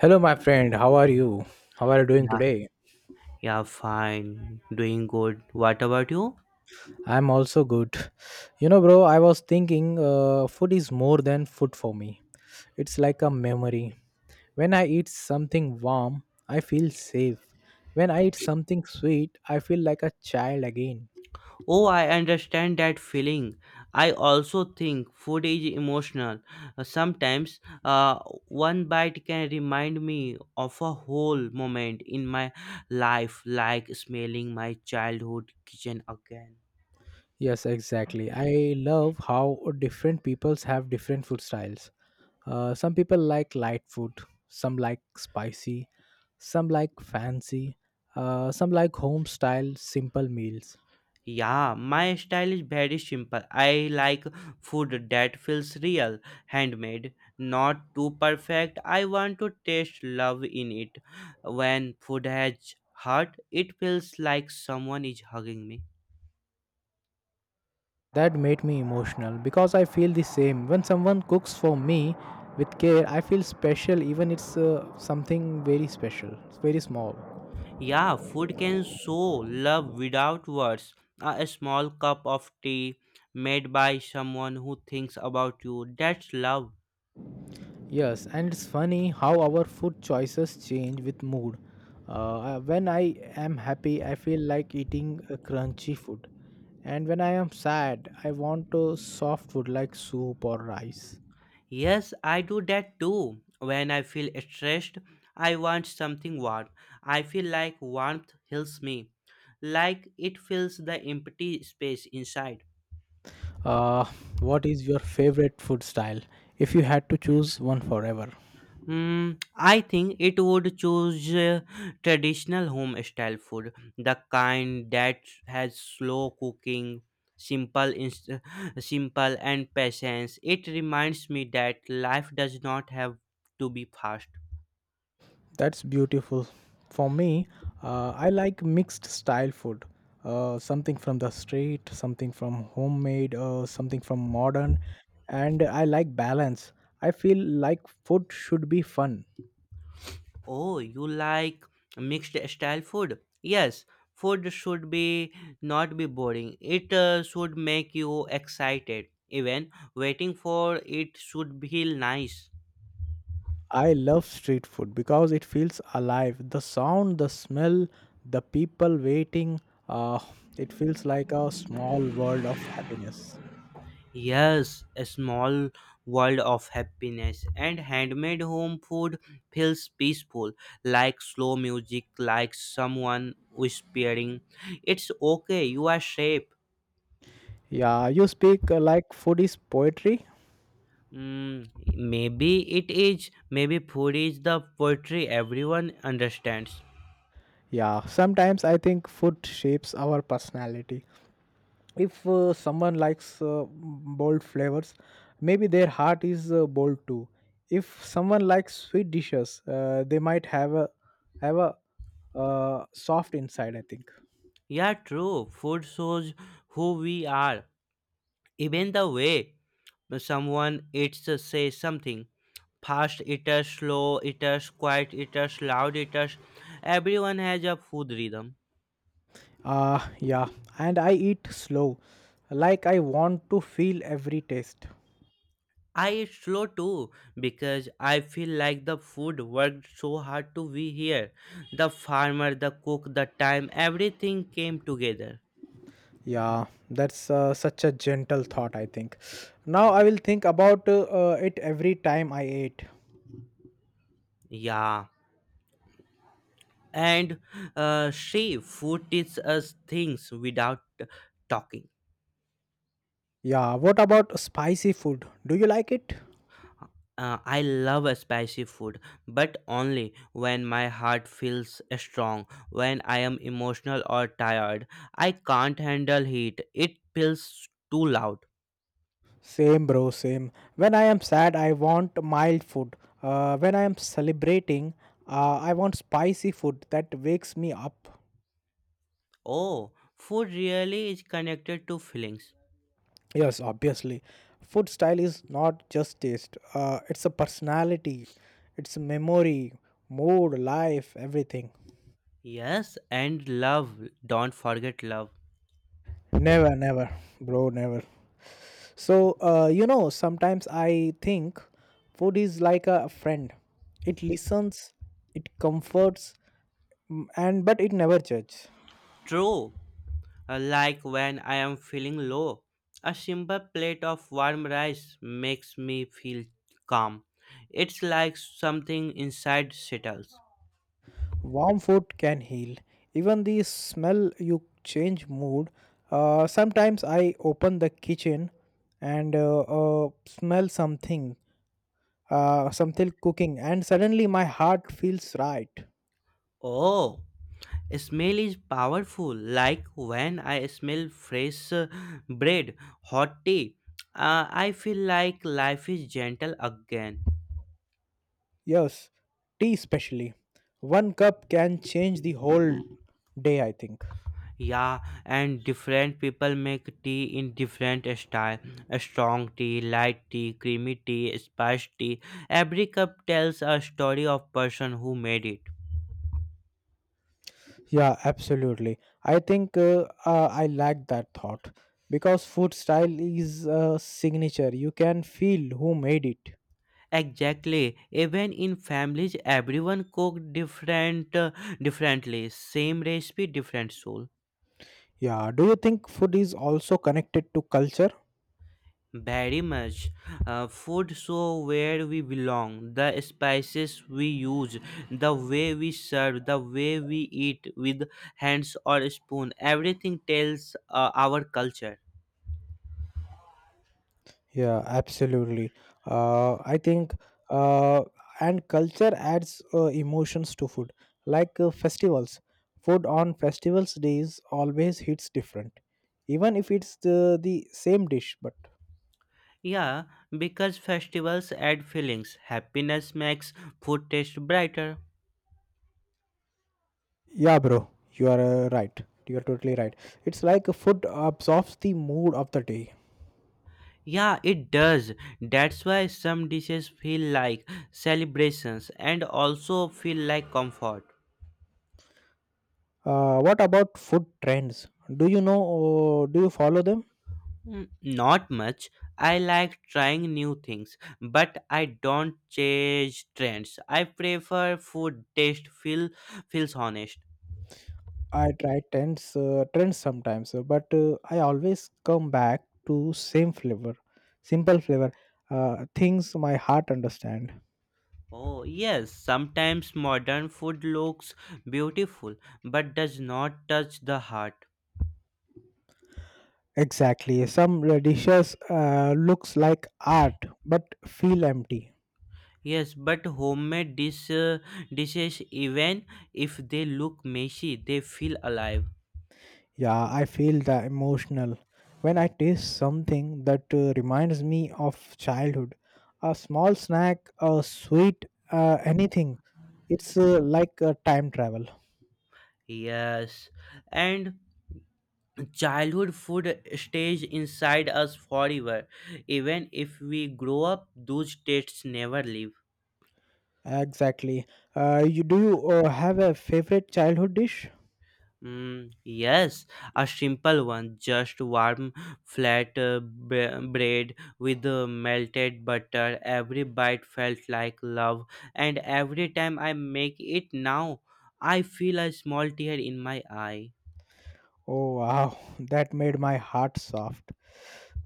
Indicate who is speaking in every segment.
Speaker 1: Hello, my friend. How are you? How are you doing
Speaker 2: Yeah,
Speaker 1: today?
Speaker 2: yeah, fine. Doing good. What about you?
Speaker 1: I'm also good. You know, bro, I was thinking food is more than food for me. It's like a memory. When I eat something warm, I feel safe. When I eat something sweet, I feel like a child again.
Speaker 2: Oh, I understand that feeling. I also think food is emotional. Sometimes, one bite can remind me of a whole moment in my life, like smelling my childhood kitchen again.
Speaker 1: Yes, exactly. I love how different peoples have different food styles. Some people like light food, some like spicy, some like fancy, some like home style simple meals.
Speaker 2: Yeah, my style is very simple. I like food that feels real, handmade, not too perfect. I want to taste love in it. When food has heart, it feels like someone is hugging me.
Speaker 1: That made me emotional because I feel the same. When someone cooks for me with care, I feel special, even it's something very special, it's very small.
Speaker 2: Yeah, food can show love without words. A small cup of tea made by someone who thinks about you, that's love.
Speaker 1: Yes, and it's funny how our food choices change with mood. When I am happy, I feel like eating a crunchy food. And when I am sad, I want a soft food like soup or rice.
Speaker 2: Yes, I do that too. When I feel stressed, I want something warm. I feel like warmth heals me, like it fills the empty space inside.
Speaker 1: Uh, what is your favorite food style if you had to choose one forever?
Speaker 2: Hmm, I think it would choose traditional home style food, the kind that has slow cooking, simple, inst- simple and patience. It reminds me that life does not have to be fast.
Speaker 1: That's beautiful. For me, I like mixed style food. Something from the street, something from homemade, something from modern, and I like balance. I feel like food should be fun.
Speaker 2: Oh, you like mixed style food? Yes, food should be not be boring. It should make you excited. Even waiting for it should feel nice.
Speaker 1: I love street food because it feels alive. The sound, the smell, the people waiting, uh, it feels like a small world of happiness.
Speaker 2: Yes, a small world of happiness and handmade home food feels peaceful, like slow music, like someone whispering. It's okay, you are safe.
Speaker 1: Yeah, you speak like food is poetry.
Speaker 2: Mm, maybe it is. Maybe food is the poetry everyone understands.
Speaker 1: Yeah, sometimes I think food shapes our personality. If someone likes bold flavors, maybe their heart is bold too. If someone likes sweet dishes, they might have a have a soft inside. I think.
Speaker 2: Yeah, true. Food shows who we are. Even the way someone eats says something. Fast eaters, slow eaters, quiet eaters, loud eaters. Everyone has a food rhythm.
Speaker 1: Yeah, and I eat slow, like I want to feel every taste.
Speaker 2: I eat slow too because I feel like the food worked so hard to be here. The farmer, the cook, the time, everything came together.
Speaker 1: Yeah, that's such a gentle thought, I think. Now I will think about it every time I ate.
Speaker 2: Yeah, and she food teaches us things without talking.
Speaker 1: Yeah, what about spicy food? Do you like it?
Speaker 2: I love a spicy food, but only when my heart feels strong, when I am emotional or tired. I can't handle heat, it feels too loud.
Speaker 1: Same, bro, same. When I am sad, I want mild food. When I am celebrating, I want spicy food that wakes me up.
Speaker 2: Oh, food really is connected to feelings.
Speaker 1: Yes, obviously. Food style is not just taste, it's a personality, it's a memory, mood, life, everything.
Speaker 2: Yes, and love. Don't forget love.
Speaker 1: Never, never, bro, never. So, you know, sometimes I think food is like a friend. It listens, it comforts, mm, and but it never judges.
Speaker 2: True. Like when I am feeling low, a simple plate of warm rice makes me feel calm. It's like something inside settles.
Speaker 1: Warm food can heal. Even the smell you change mood. Sometimes I open the kitchen and smell something, something cooking, and suddenly my heart feels right.
Speaker 2: Oh, smell is powerful. Like when I smell fresh bread, hot tea, I feel like life is gentle again.
Speaker 1: Yes, tea especially. One cup can change the whole day, I think.
Speaker 2: Yeah, and different people make tea in different style. A strong tea, light tea, creamy tea, spice tea. Every cup tells a story of person who made it.
Speaker 1: Yeah, absolutely. I think I like that thought because food style is a signature. You can feel who made it.
Speaker 2: Exactly. Even in families, everyone cook different, differently. Same recipe, different soul.
Speaker 1: Yeah, do you think food is also connected to culture?
Speaker 2: Very much. Food so where we belong, the spices we use, the way we serve, the way we eat with hands or spoon, everything tells our culture.
Speaker 1: Yeah, absolutely. I think, uh, and culture adds emotions to food, like festivals. Food on festivals days always hits different, even if it's the same dish. But
Speaker 2: Yeah, because festivals add feelings. Happiness makes food taste brighter.
Speaker 1: yeah, bro, you are right. You are totally right. It's like food absorbs the mood of the day.
Speaker 2: Yeah, it does. That's why some dishes feel like celebrations and also feel like comfort.
Speaker 1: What about food trends? Do you know? Do you follow them?
Speaker 2: Mm, not much. I like trying new things, but I don't change trends. I prefer food taste feels honest.
Speaker 1: I try trends, trends sometimes, but I always come back to same flavor, simple flavor, things my heart understand.
Speaker 2: Oh yes, sometimes modern food looks beautiful but does not touch the heart.
Speaker 1: Exactly. Some dishes looks like art but feel empty.
Speaker 2: Yes, but homemade dishes even if they look messy, they feel alive.
Speaker 1: Yeah, I feel the emotional when I taste something that reminds me of childhood. A small snack, a sweet, anything. It's like a time travel.
Speaker 2: Yes. And childhood food stays inside us forever, even if we grow up those tastes never leave.
Speaker 1: Exactly. You do you have a favorite childhood dish?
Speaker 2: Mm, yes, a simple one, just warm flat bread with melted butter. Every bite felt like love, and every time I make it now, I feel a small tear in my eye.
Speaker 1: Oh wow, that made my heart soft.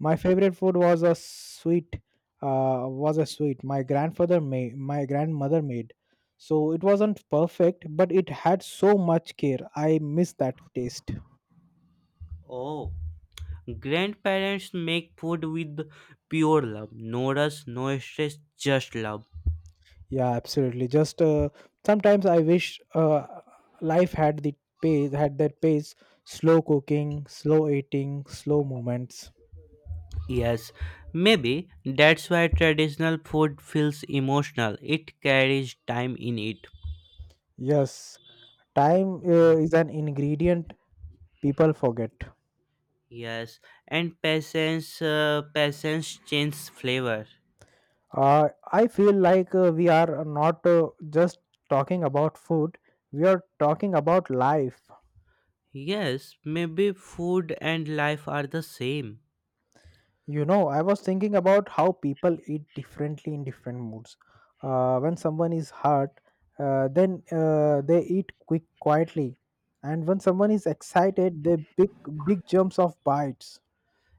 Speaker 1: My favorite food was a sweet, my my grandmother made. So it wasn't perfect, but it had so much care. I miss that taste.
Speaker 2: Oh, grandparents make food with pure love. No rush, no stress, just love.
Speaker 1: Yeah, absolutely. Just sometimes I wish life had the pace, had that pace, slow cooking, slow eating, slow moments.
Speaker 2: Yes, maybe that's why traditional food feels emotional. It carries time in it.
Speaker 1: Yes, time is an ingredient people forget.
Speaker 2: Yes, and patience changes flavor.
Speaker 1: I feel like we are not just talking about food, we are talking about life.
Speaker 2: Yes, maybe food and life are the same.
Speaker 1: You know, I was thinking about how people eat differently in different moods. When someone is hurt, then they eat quick, quietly, and when someone is excited, they big jumps of bites.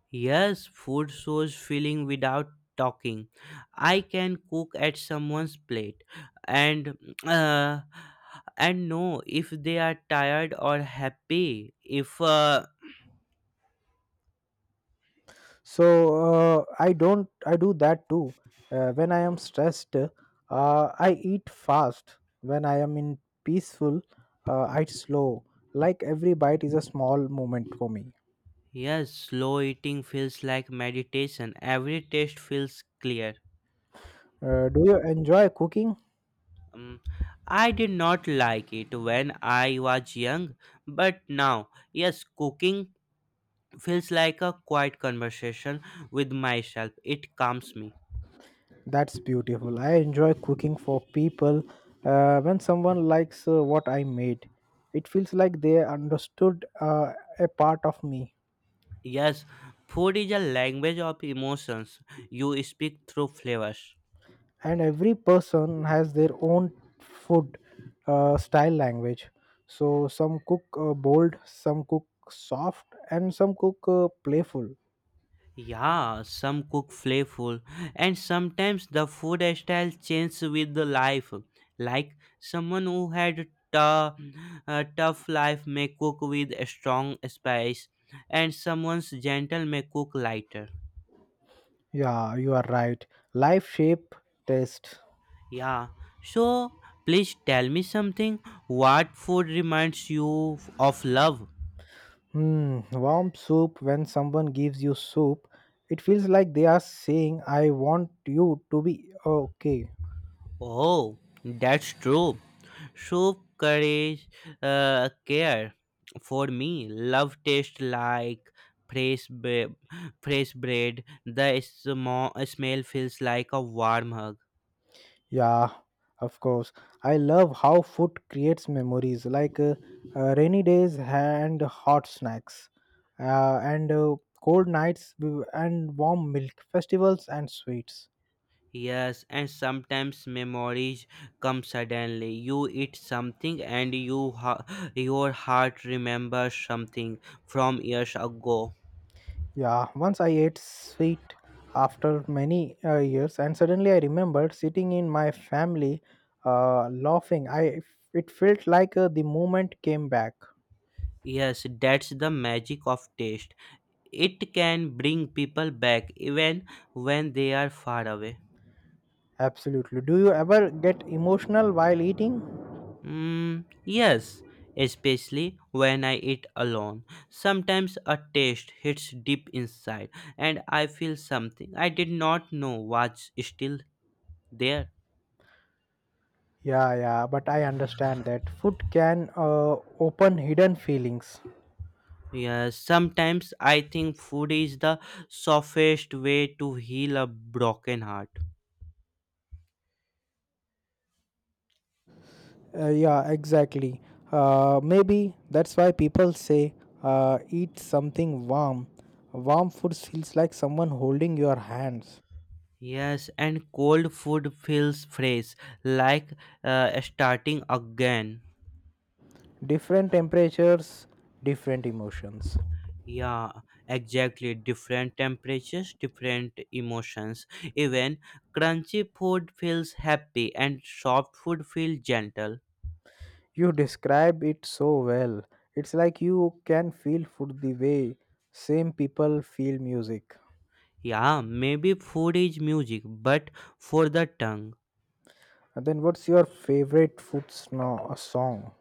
Speaker 2: Yes, food shows feeling without talking. I can cook at someone's plate, and uh, and know if they are tired or happy. If
Speaker 1: So I don't I do that too, when I am stressed, I eat fast. When I am in peaceful, I eat slow, like every bite is a small moment for me.
Speaker 2: Yes, slow eating feels like meditation. Every taste feels clear.
Speaker 1: Do you enjoy cooking?
Speaker 2: Um, I did not like it when I was young, but now, yes, cooking feels like a quiet conversation with myself. It calms me.
Speaker 1: That's beautiful. I enjoy cooking for people. When someone likes what I made, it feels like they understood a part of me.
Speaker 2: Yes, food is a language of emotions. You speak through flavors.
Speaker 1: And every person has their own food style language, so some cook bold, some cook soft, and some cook playful.
Speaker 2: Yeah, some cook flavorful, and sometimes the food style changes with the life. Like someone who had tough, a tough life may cook with a strong spice, and someone's gentle may cook lighter.
Speaker 1: Yeah, you are right. Life shape taste.
Speaker 2: Yeah, so please tell me something. What food reminds you of love?
Speaker 1: Hmm, warm soup. When someone gives you soup, it feels like they are saying I want you to be okay.
Speaker 2: Oh, that's true. Show courage, care. For me, love tastes like fresh, ba- fresh bread. The small smell feels like a warm hug.
Speaker 1: Yeah, of course. I love how food creates memories, like rainy days and hot snacks, and cold nights and warm milk, festivals and sweets.
Speaker 2: Yes, and sometimes memories come suddenly. You eat something, and your heart remembers something from years ago.
Speaker 1: Yeah, once I ate sweet after many years, and suddenly I remembered sitting in my family laughing. I it felt like the moment came back.
Speaker 2: Yes, that's the magic of taste. It can bring people back even when they are far away.
Speaker 1: Absolutely. Do you ever get emotional while eating?
Speaker 2: Mm, yes, especially when I eat alone. Sometimes a taste hits deep inside and I feel something I did not know was still there.
Speaker 1: Yeah, yeah, but I understand that food can open hidden feelings.
Speaker 2: Yes, sometimes I think food is the softest way to heal a broken heart.
Speaker 1: Yeah, exactly. Maybe that's why people say eat something warm. Warm food feels like someone holding your hands.
Speaker 2: Yes, and cold food feels fresh, like starting again.
Speaker 1: Different temperatures, different emotions.
Speaker 2: Yeah, exactly. Different temperatures, different emotions. Even crunchy food feels happy and soft food feels gentle.
Speaker 1: You describe it so well. It's like you can feel food the way same people feel music.
Speaker 2: Yeah, maybe food is music, but for the tongue.
Speaker 1: And then, what's your favorite food song?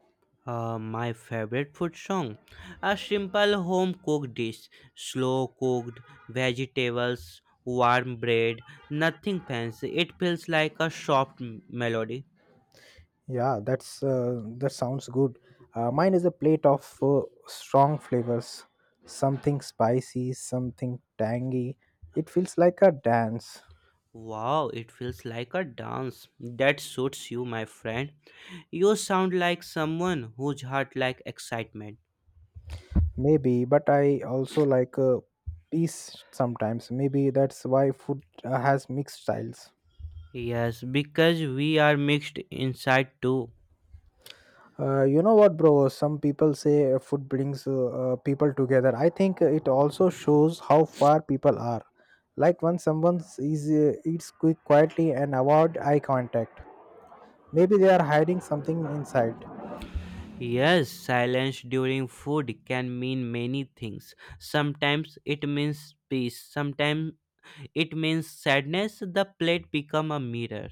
Speaker 2: My favorite food song, a simple home cooked dish, slow cooked vegetables, warm bread, nothing fancy. It feels like a soft melody.
Speaker 1: Yeah, that's that sounds good. Mine is a plate of strong flavors, something spicy, something tangy. It feels like a dance,
Speaker 2: Wow, it feels like a dance. That suits you, my friend. You sound like someone whose heart like excitement.
Speaker 1: maybe. But I also like a peace sometimes. Maybe that's why food has mixed styles.
Speaker 2: Yes, because we are mixed inside too.
Speaker 1: You know what, bro? Some people say food brings people together. I think it also shows how far people are. Like when someone is eats quick quietly and avoid eye contact. Maybe they are hiding something inside.
Speaker 2: Yes, silence during food can mean many things. Sometimes it means peace, sometimes it means sadness. The plate become a mirror.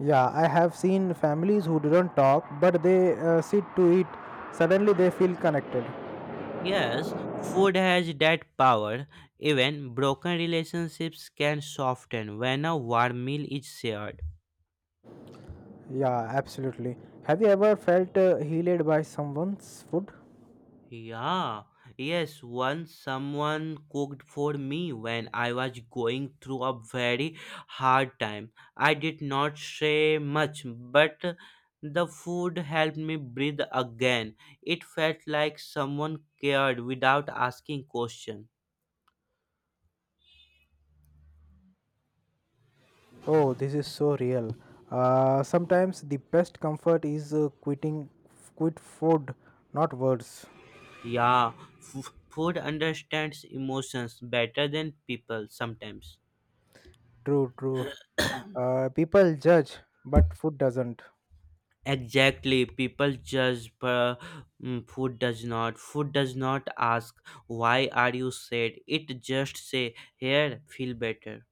Speaker 1: Yeah, I have seen families who didn't talk, but they sit to eat. Suddenly they feel connected.
Speaker 2: Yes, food has that power. Even broken relationships can soften when a warm meal is shared.
Speaker 1: Yeah, absolutely. Have you ever felt healed by someone's food?
Speaker 2: Yeah, yes, once someone cooked for me when I was going through a very hard time. I did not say much, but the food helped me breathe again. It felt like someone cared without asking question.
Speaker 1: Oh, this is so real. Sometimes the best comfort is quit food, not words.
Speaker 2: Yeah, food understands emotions better than people sometimes.
Speaker 1: True, true. People judge, but food doesn't.
Speaker 2: Exactly, people judge, but mm, food does not. Food does not ask, why are you sad? It just say, here, feel better.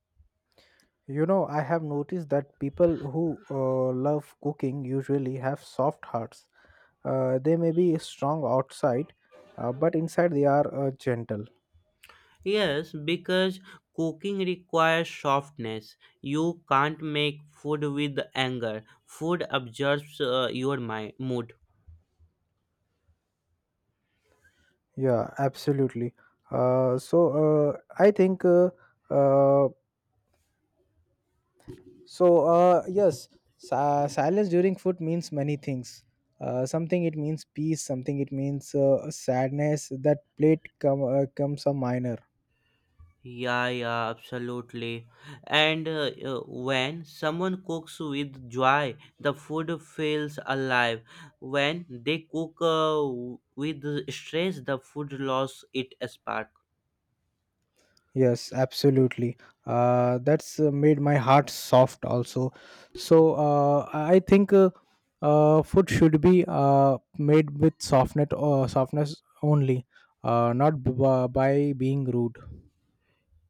Speaker 1: You know, I have noticed that people who love cooking usually have soft hearts. They may be strong outside, but inside they are gentle.
Speaker 2: Yes, because cooking requires softness. You can't make food with anger. Food absorbs your mind, mood.
Speaker 1: Yeah, absolutely. So I think uh, so. Yes, silence during food means many things. Something it means peace. Something it means sadness. That plate comes a minor.
Speaker 2: Yeah, yeah, absolutely. And when someone cooks with joy, the food feels alive. When they cook with stress, the food loses its spark.
Speaker 1: Yes, absolutely. That's made my heart soft also. So I think food should be made with softness or softness only, not by being rude.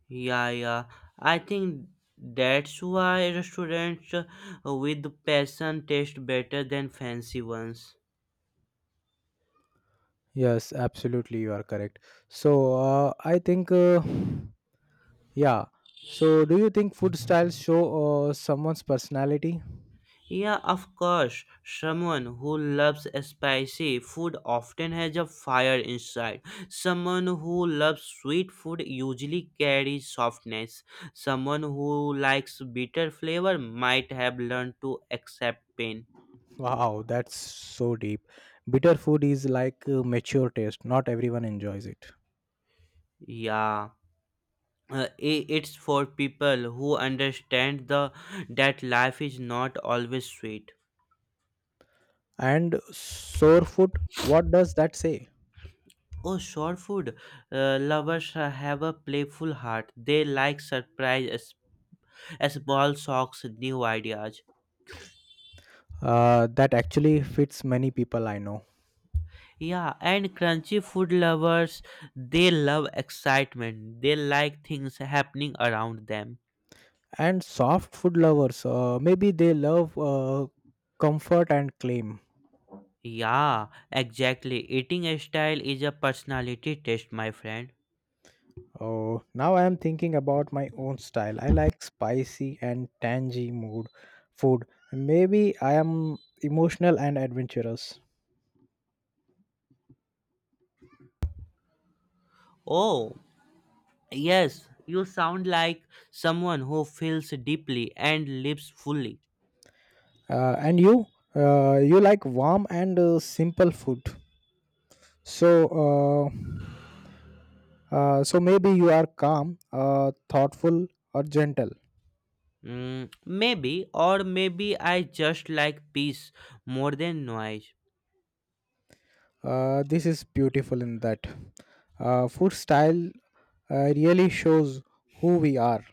Speaker 2: Yeah, yeah. I think that's why restaurants with passion taste better than fancy ones.
Speaker 1: Yes, absolutely, you are correct. So I think, yeah. So do you think food styles show someone's personality?
Speaker 2: Yeah, of course. Someone who loves spicy food often has a fire inside. Someone who loves sweet food usually carries softness. Someone who likes bitter flavor might have learned to accept pain.
Speaker 1: Wow, that's so deep. Bitter food is like a mature taste. Not everyone enjoys it.
Speaker 2: Yeah. It's for people who understand the that life is not always sweet.
Speaker 1: And sour food, what does that say?
Speaker 2: Oh, short food. Lovers have a playful heart. They like surprise small shocks, new ideas.
Speaker 1: That actually fits many people I know.
Speaker 2: Yeah, and crunchy food lovers, they love excitement. They like things happening around them.
Speaker 1: And soft food lovers, maybe they love comfort and claim.
Speaker 2: Yeah, exactly. Eating style is a personality test, my friend.
Speaker 1: Oh, now I am thinking about my own style. I like spicy and tangy mood food. Maybe I am emotional and adventurous.
Speaker 2: Oh, yes, you sound like someone who feels deeply and lives fully.
Speaker 1: And you, you like warm and simple food. So, uh, so maybe you are calm, thoughtful, or gentle.
Speaker 2: Mm, maybe, or maybe I just like peace more than noise.
Speaker 1: This is beautiful in that. Food style really shows who we are.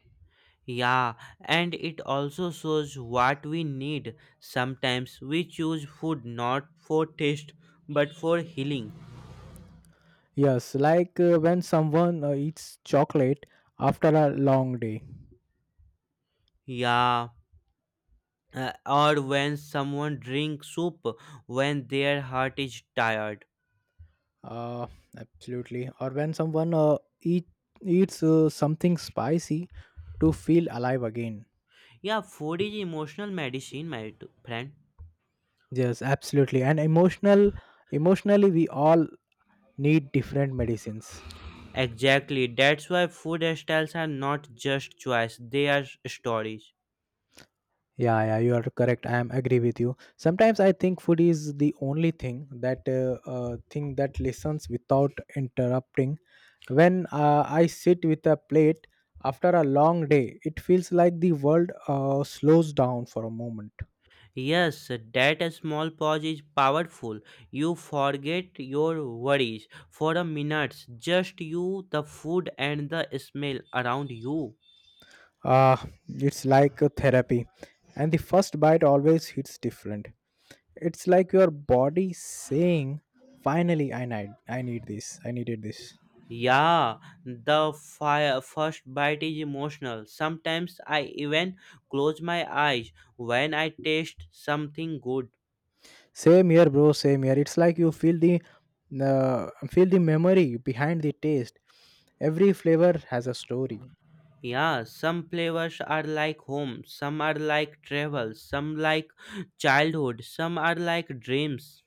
Speaker 2: Yeah, and it also shows what we need. Sometimes we choose food not for taste but for healing.
Speaker 1: Yes, like when someone eats chocolate after a long day.
Speaker 2: Yeah, or when someone drinks soup when their heart is tired.
Speaker 1: Uh, absolutely. Or when someone eats something spicy to feel alive again.
Speaker 2: Yeah, food is emotional medicine, my friend.
Speaker 1: Yes, absolutely. And emotionally, we all need different medicines.
Speaker 2: Exactly, that's why food styles are not just choice, they are stories.
Speaker 1: Yeah, yeah, you are correct. I am agree with you. Sometimes I think food is the only thing that listens without interrupting. When I sit with a plate after a long day, it feels like the world slows down for a moment.
Speaker 2: Yes, that small pause is powerful. You forget your worries for a minute, just you, the food, and the smell around you.
Speaker 1: Uh, it's like a therapy, and the first bite always hits different. It's like your body saying, "Finally, I need this. I needed this."
Speaker 2: Yeah, the fire, first bite is emotional. Sometimes I even close my eyes when I taste something good.
Speaker 1: Same here, bro. Same here. It's like you feel feel the memory behind the taste. Every flavor has a story.
Speaker 2: Yeah, some flavors are like home, some are like travel, some like childhood, some are like dreams.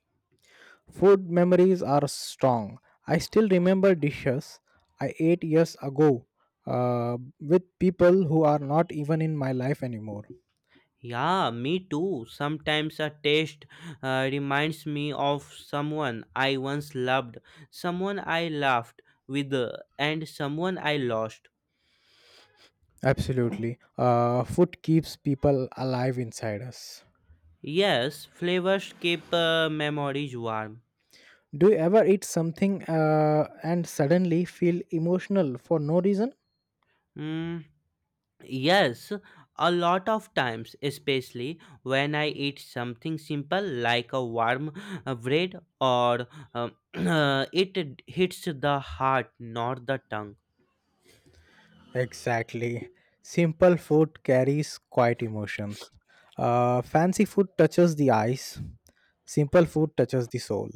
Speaker 1: Food memories are strong. I still remember dishes I ate years ago with people who are not even in my life anymore.
Speaker 2: Yeah, me too. Sometimes a taste reminds me of someone I once loved, someone I laughed with, and someone I lost.
Speaker 1: Absolutely. Food keeps people alive inside us.
Speaker 2: Yes, flavors keep memories warm.
Speaker 1: Do you ever eat something and suddenly feel emotional for no reason?
Speaker 2: Mm, yes, a lot of times, especially when I eat something simple like a warm bread or um, it hits the heart, not the tongue.
Speaker 1: Exactly. Simple food carries quiet emotions. Fancy food touches the eyes. Simple food touches the soul.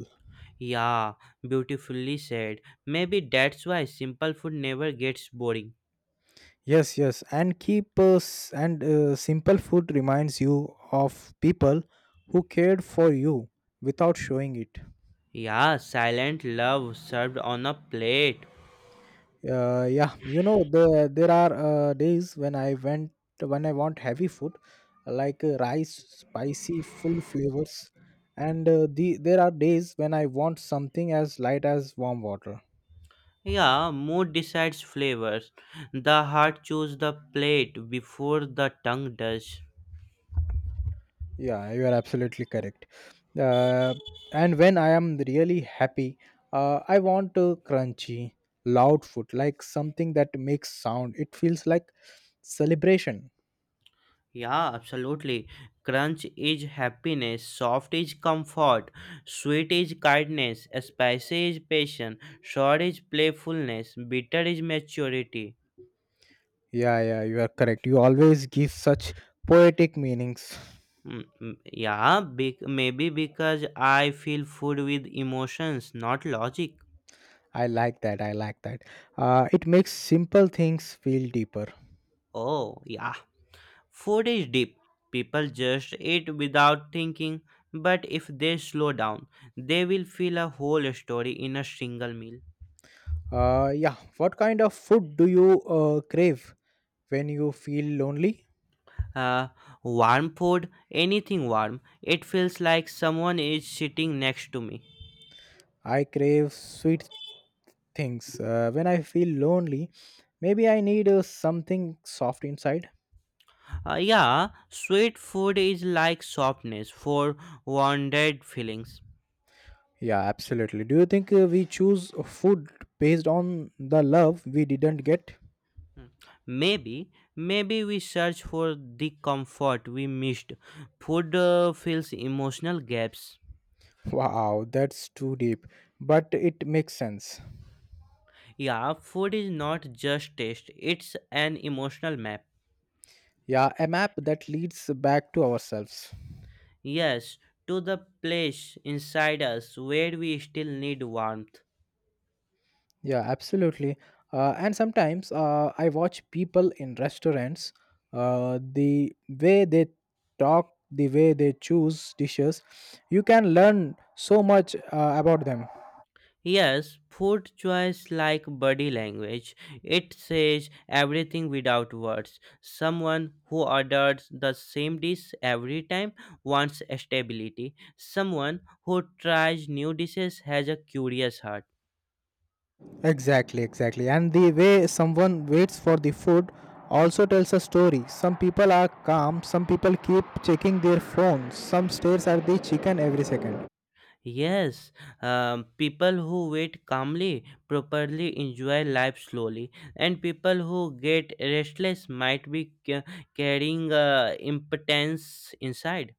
Speaker 2: Yeah, beautifully said. Maybe that's why simple food never gets boring.
Speaker 1: Yes, yes, and keep s- and simple food reminds you of people who cared for you without showing it.
Speaker 2: Yeah, silent love served on a plate.
Speaker 1: Yeah, you know there are days when I went when I want heavy food, like rice, spicy, full flavors, and there are days when I want something as light as warm water.
Speaker 2: Yeah, mood decides flavors. The heart chooses the plate before the tongue does.
Speaker 1: Yeah, you are absolutely correct. Uh, and when I am really happy, I want crunchy, loud food, like something that makes sound. It feels like celebration.
Speaker 2: Yeah, absolutely. Crunch is happiness, soft is comfort, sweet is kindness, spicy is passion, sour is playfulness, bitter is maturity.
Speaker 1: Yeah, yeah, you are correct. You always give such poetic meanings.
Speaker 2: Yeah, bec maybe because I feel food with emotions, not logic.
Speaker 1: I like that. I like that. It makes simple things feel deeper.
Speaker 2: Oh, yeah. Food is deep. People just eat without thinking, but if they slow down, they will feel a whole story in a single meal.
Speaker 1: Yeah. What kind of food do you crave when you feel lonely?
Speaker 2: Uh, Warm food, anything warm, it feels like someone is sitting next to me.
Speaker 1: I crave sweet things. When I feel lonely, maybe I need something soft inside.
Speaker 2: Yeah, sweet food is like softness for wounded feelings.
Speaker 1: Yeah, absolutely. Do you think we choose food based on the love we didn't get?
Speaker 2: Mm. Maybe, maybe we search for the comfort we missed. Food fills emotional gaps.
Speaker 1: Wow, that's too deep. But it makes sense.
Speaker 2: Yeah, food is not just taste, it's an emotional map.
Speaker 1: Yeah, a map that leads back to ourselves.
Speaker 2: Yes, to the place inside us where we still need warmth.
Speaker 1: Yeah, absolutely. And sometimes I watch people in restaurants, the way they talk, the way they choose dishes, you can learn so much about them.
Speaker 2: Yes, food choice like body language. It says everything without words. Someone who orders the same dish every time wants stability. Someone who tries new dishes has a curious heart.
Speaker 1: Exactly, exactly. And the way someone waits for the food also tells a story. Some people are calm, some people keep checking their phones, some stares at the chicken every second.
Speaker 2: Yes, people who wait calmly properly enjoy life slowly, and people who get restless might be carrying impotence inside.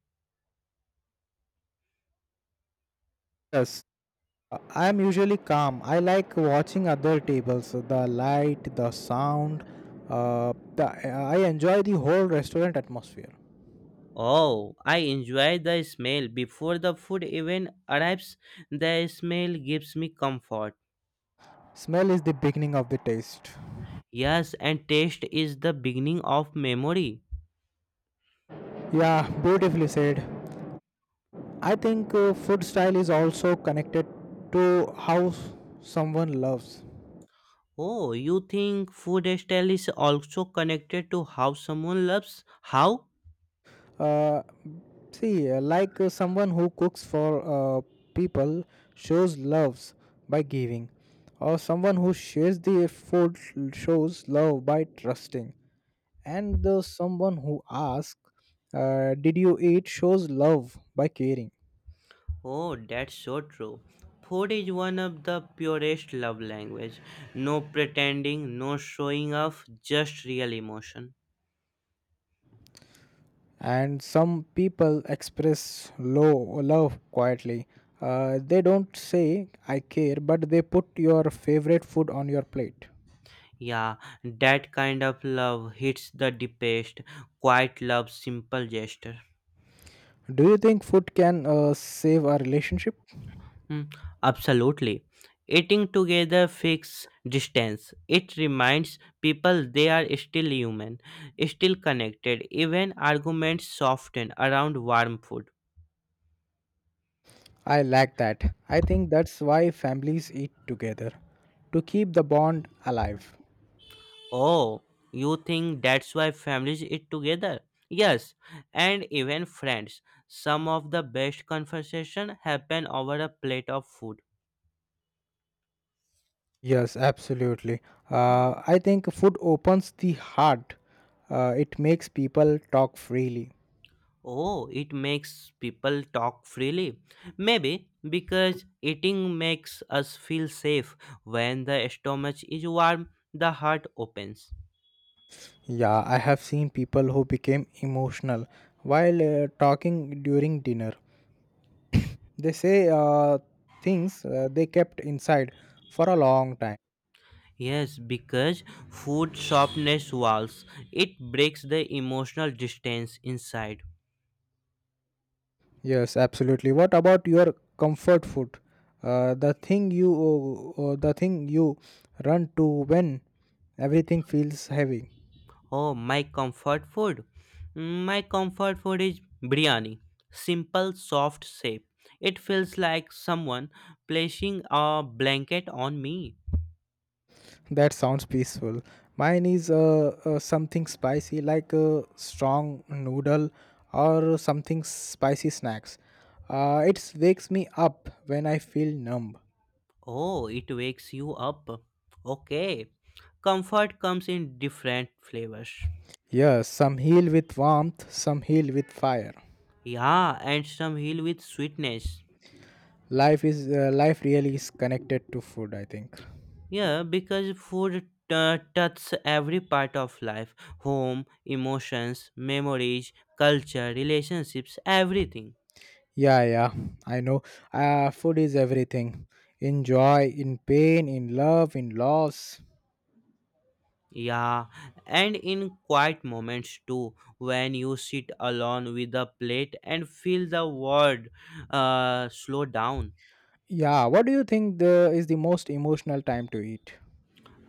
Speaker 1: Yes, I'm usually calm. I like watching other tables, the light, the sound. I enjoy the whole restaurant atmosphere.
Speaker 2: Oh, I enjoy the smell. Before the food even arrives, the smell gives me comfort.
Speaker 1: Smell is the beginning of the taste.
Speaker 2: Yes, and taste is the beginning of memory.
Speaker 1: Yeah, beautifully said. I think food style is also connected to how someone loves.
Speaker 2: Oh, you think food style is also connected to how someone loves? How?
Speaker 1: Uh, see, like someone who cooks for people shows loves by giving, or someone who shares the food shows love by trusting, and the someone who asks, "Did you eat?" shows love by caring.
Speaker 2: Oh, that's so true. Food is one of the purest love language. No pretending, no showing off, just real emotion.
Speaker 1: And some people express low love quietly. They don't say "I care," but they put your favorite food on your plate.
Speaker 2: Yeah, that kind of love hits the deepest. Quiet love, simple gesture.
Speaker 1: Do you think food can save a relationship?
Speaker 2: Mm, absolutely. Eating together fixes distance. It reminds people they are still human, still connected. Even arguments soften around warm food.
Speaker 1: I lack that. I think that's why families eat together, to keep the bond alive.
Speaker 2: Oh, you think that's why families eat together? Yes, and even friends. Some of the best conversation happen over a plate of food.
Speaker 1: Yes, absolutely. I think food opens the heart, it makes people talk freely.
Speaker 2: Oh, it makes people talk freely. Maybe because eating makes us feel safe. When the stomach is warm, the heart opens.
Speaker 1: Yeah, I have seen people who became emotional while talking during dinner. They say things they kept inside for a long time.
Speaker 2: Yes, because food softens walls. It breaks the emotional distance inside.
Speaker 1: Yes, absolutely. What about your comfort food? The thing you run to when everything feels heavy.
Speaker 2: Oh, my comfort food. Mm, my comfort food is biryani. Simple, soft shape. It feels like someone placing a blanket on me.
Speaker 1: That sounds peaceful. Mine is something spicy like a strong noodle or something spicy snacks. It wakes me up when I feel numb.
Speaker 2: Oh, it wakes you up. Okay. Comfort comes in different flavors.
Speaker 1: Yes, some heal with warmth, some heal with fire.
Speaker 2: Yeah, and some heal with sweetness.
Speaker 1: Life is life really is connected to food, I think.
Speaker 2: Yeah, because food touches every part of life home, emotions, memories, culture, relationships, everything.
Speaker 1: Yeah, yeah, I know. Food is everything. In joy, in pain, in love, in loss.
Speaker 2: Yeah, and in quiet moments too, when you sit alone with a plate and feel the world slow down.
Speaker 1: Yeah, what do you think the is the most emotional time to eat?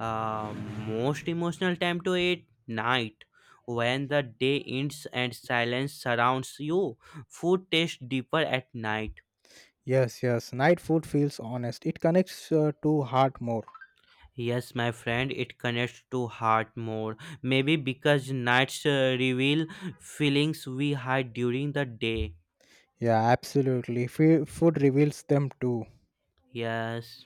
Speaker 2: Uh, Most emotional time to it night, when the day ends and silence surrounds you, food tastes deeper at night.
Speaker 1: Yes, yes. Night food feels honest. It connects to heart more.
Speaker 2: Yes, my friend, it connects to heart more, maybe because nights reveal feelings we hide during the day.
Speaker 1: Yeah, absolutely. Food reveals them too.
Speaker 2: Yes,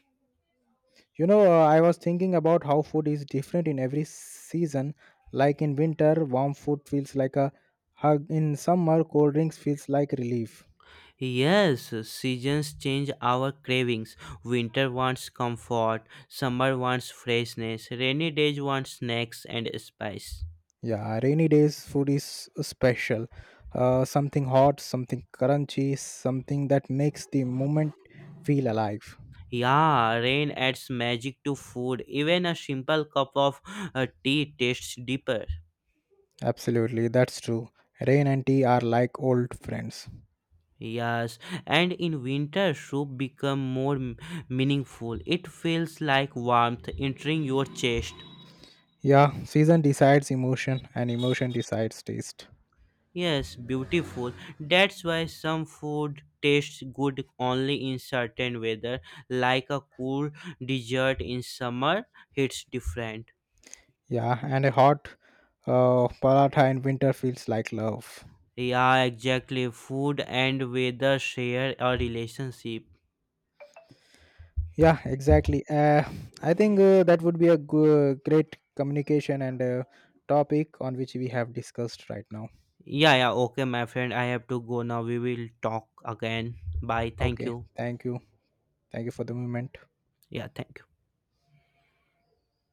Speaker 1: You know, I was thinking about how food is different in every season. Like in winter, warm food feels like a hug. In summer, cold drinks feels like relief.
Speaker 2: yes, seasons change our cravings. Winter wants comfort, summer wants freshness, rainy days want snacks and spice.
Speaker 1: Yeah, rainy days food is special. Something hot, something crunchy, something that makes the moment feel alive.
Speaker 2: Yeah, rain adds magic to food. Even a simple cup of tea tastes deeper.
Speaker 1: Absolutely, that's true. Rain and tea are like old friends.
Speaker 2: Yes, and in winter soup become more meaningful. It feels like warmth entering your chest.
Speaker 1: Yeah, season decides emotion, and emotion decides taste.
Speaker 2: Yes, beautiful. That's why some food tastes good only in certain weather, like a cool dessert in summer hits different.
Speaker 1: Yeah, and a hot paratha in winter feels like love.
Speaker 2: Yeah, exactly. Food and weather share a relationship.
Speaker 1: Yeah, exactly. I think that would be a great communication and topic on which we have discussed right now.
Speaker 2: Yeah, yeah, okay, my friend. I have to go now. We will talk again. Bye. Thank
Speaker 1: Okay,
Speaker 2: you.
Speaker 1: thank you. Thank you for the moment.
Speaker 2: Yeah, thank you.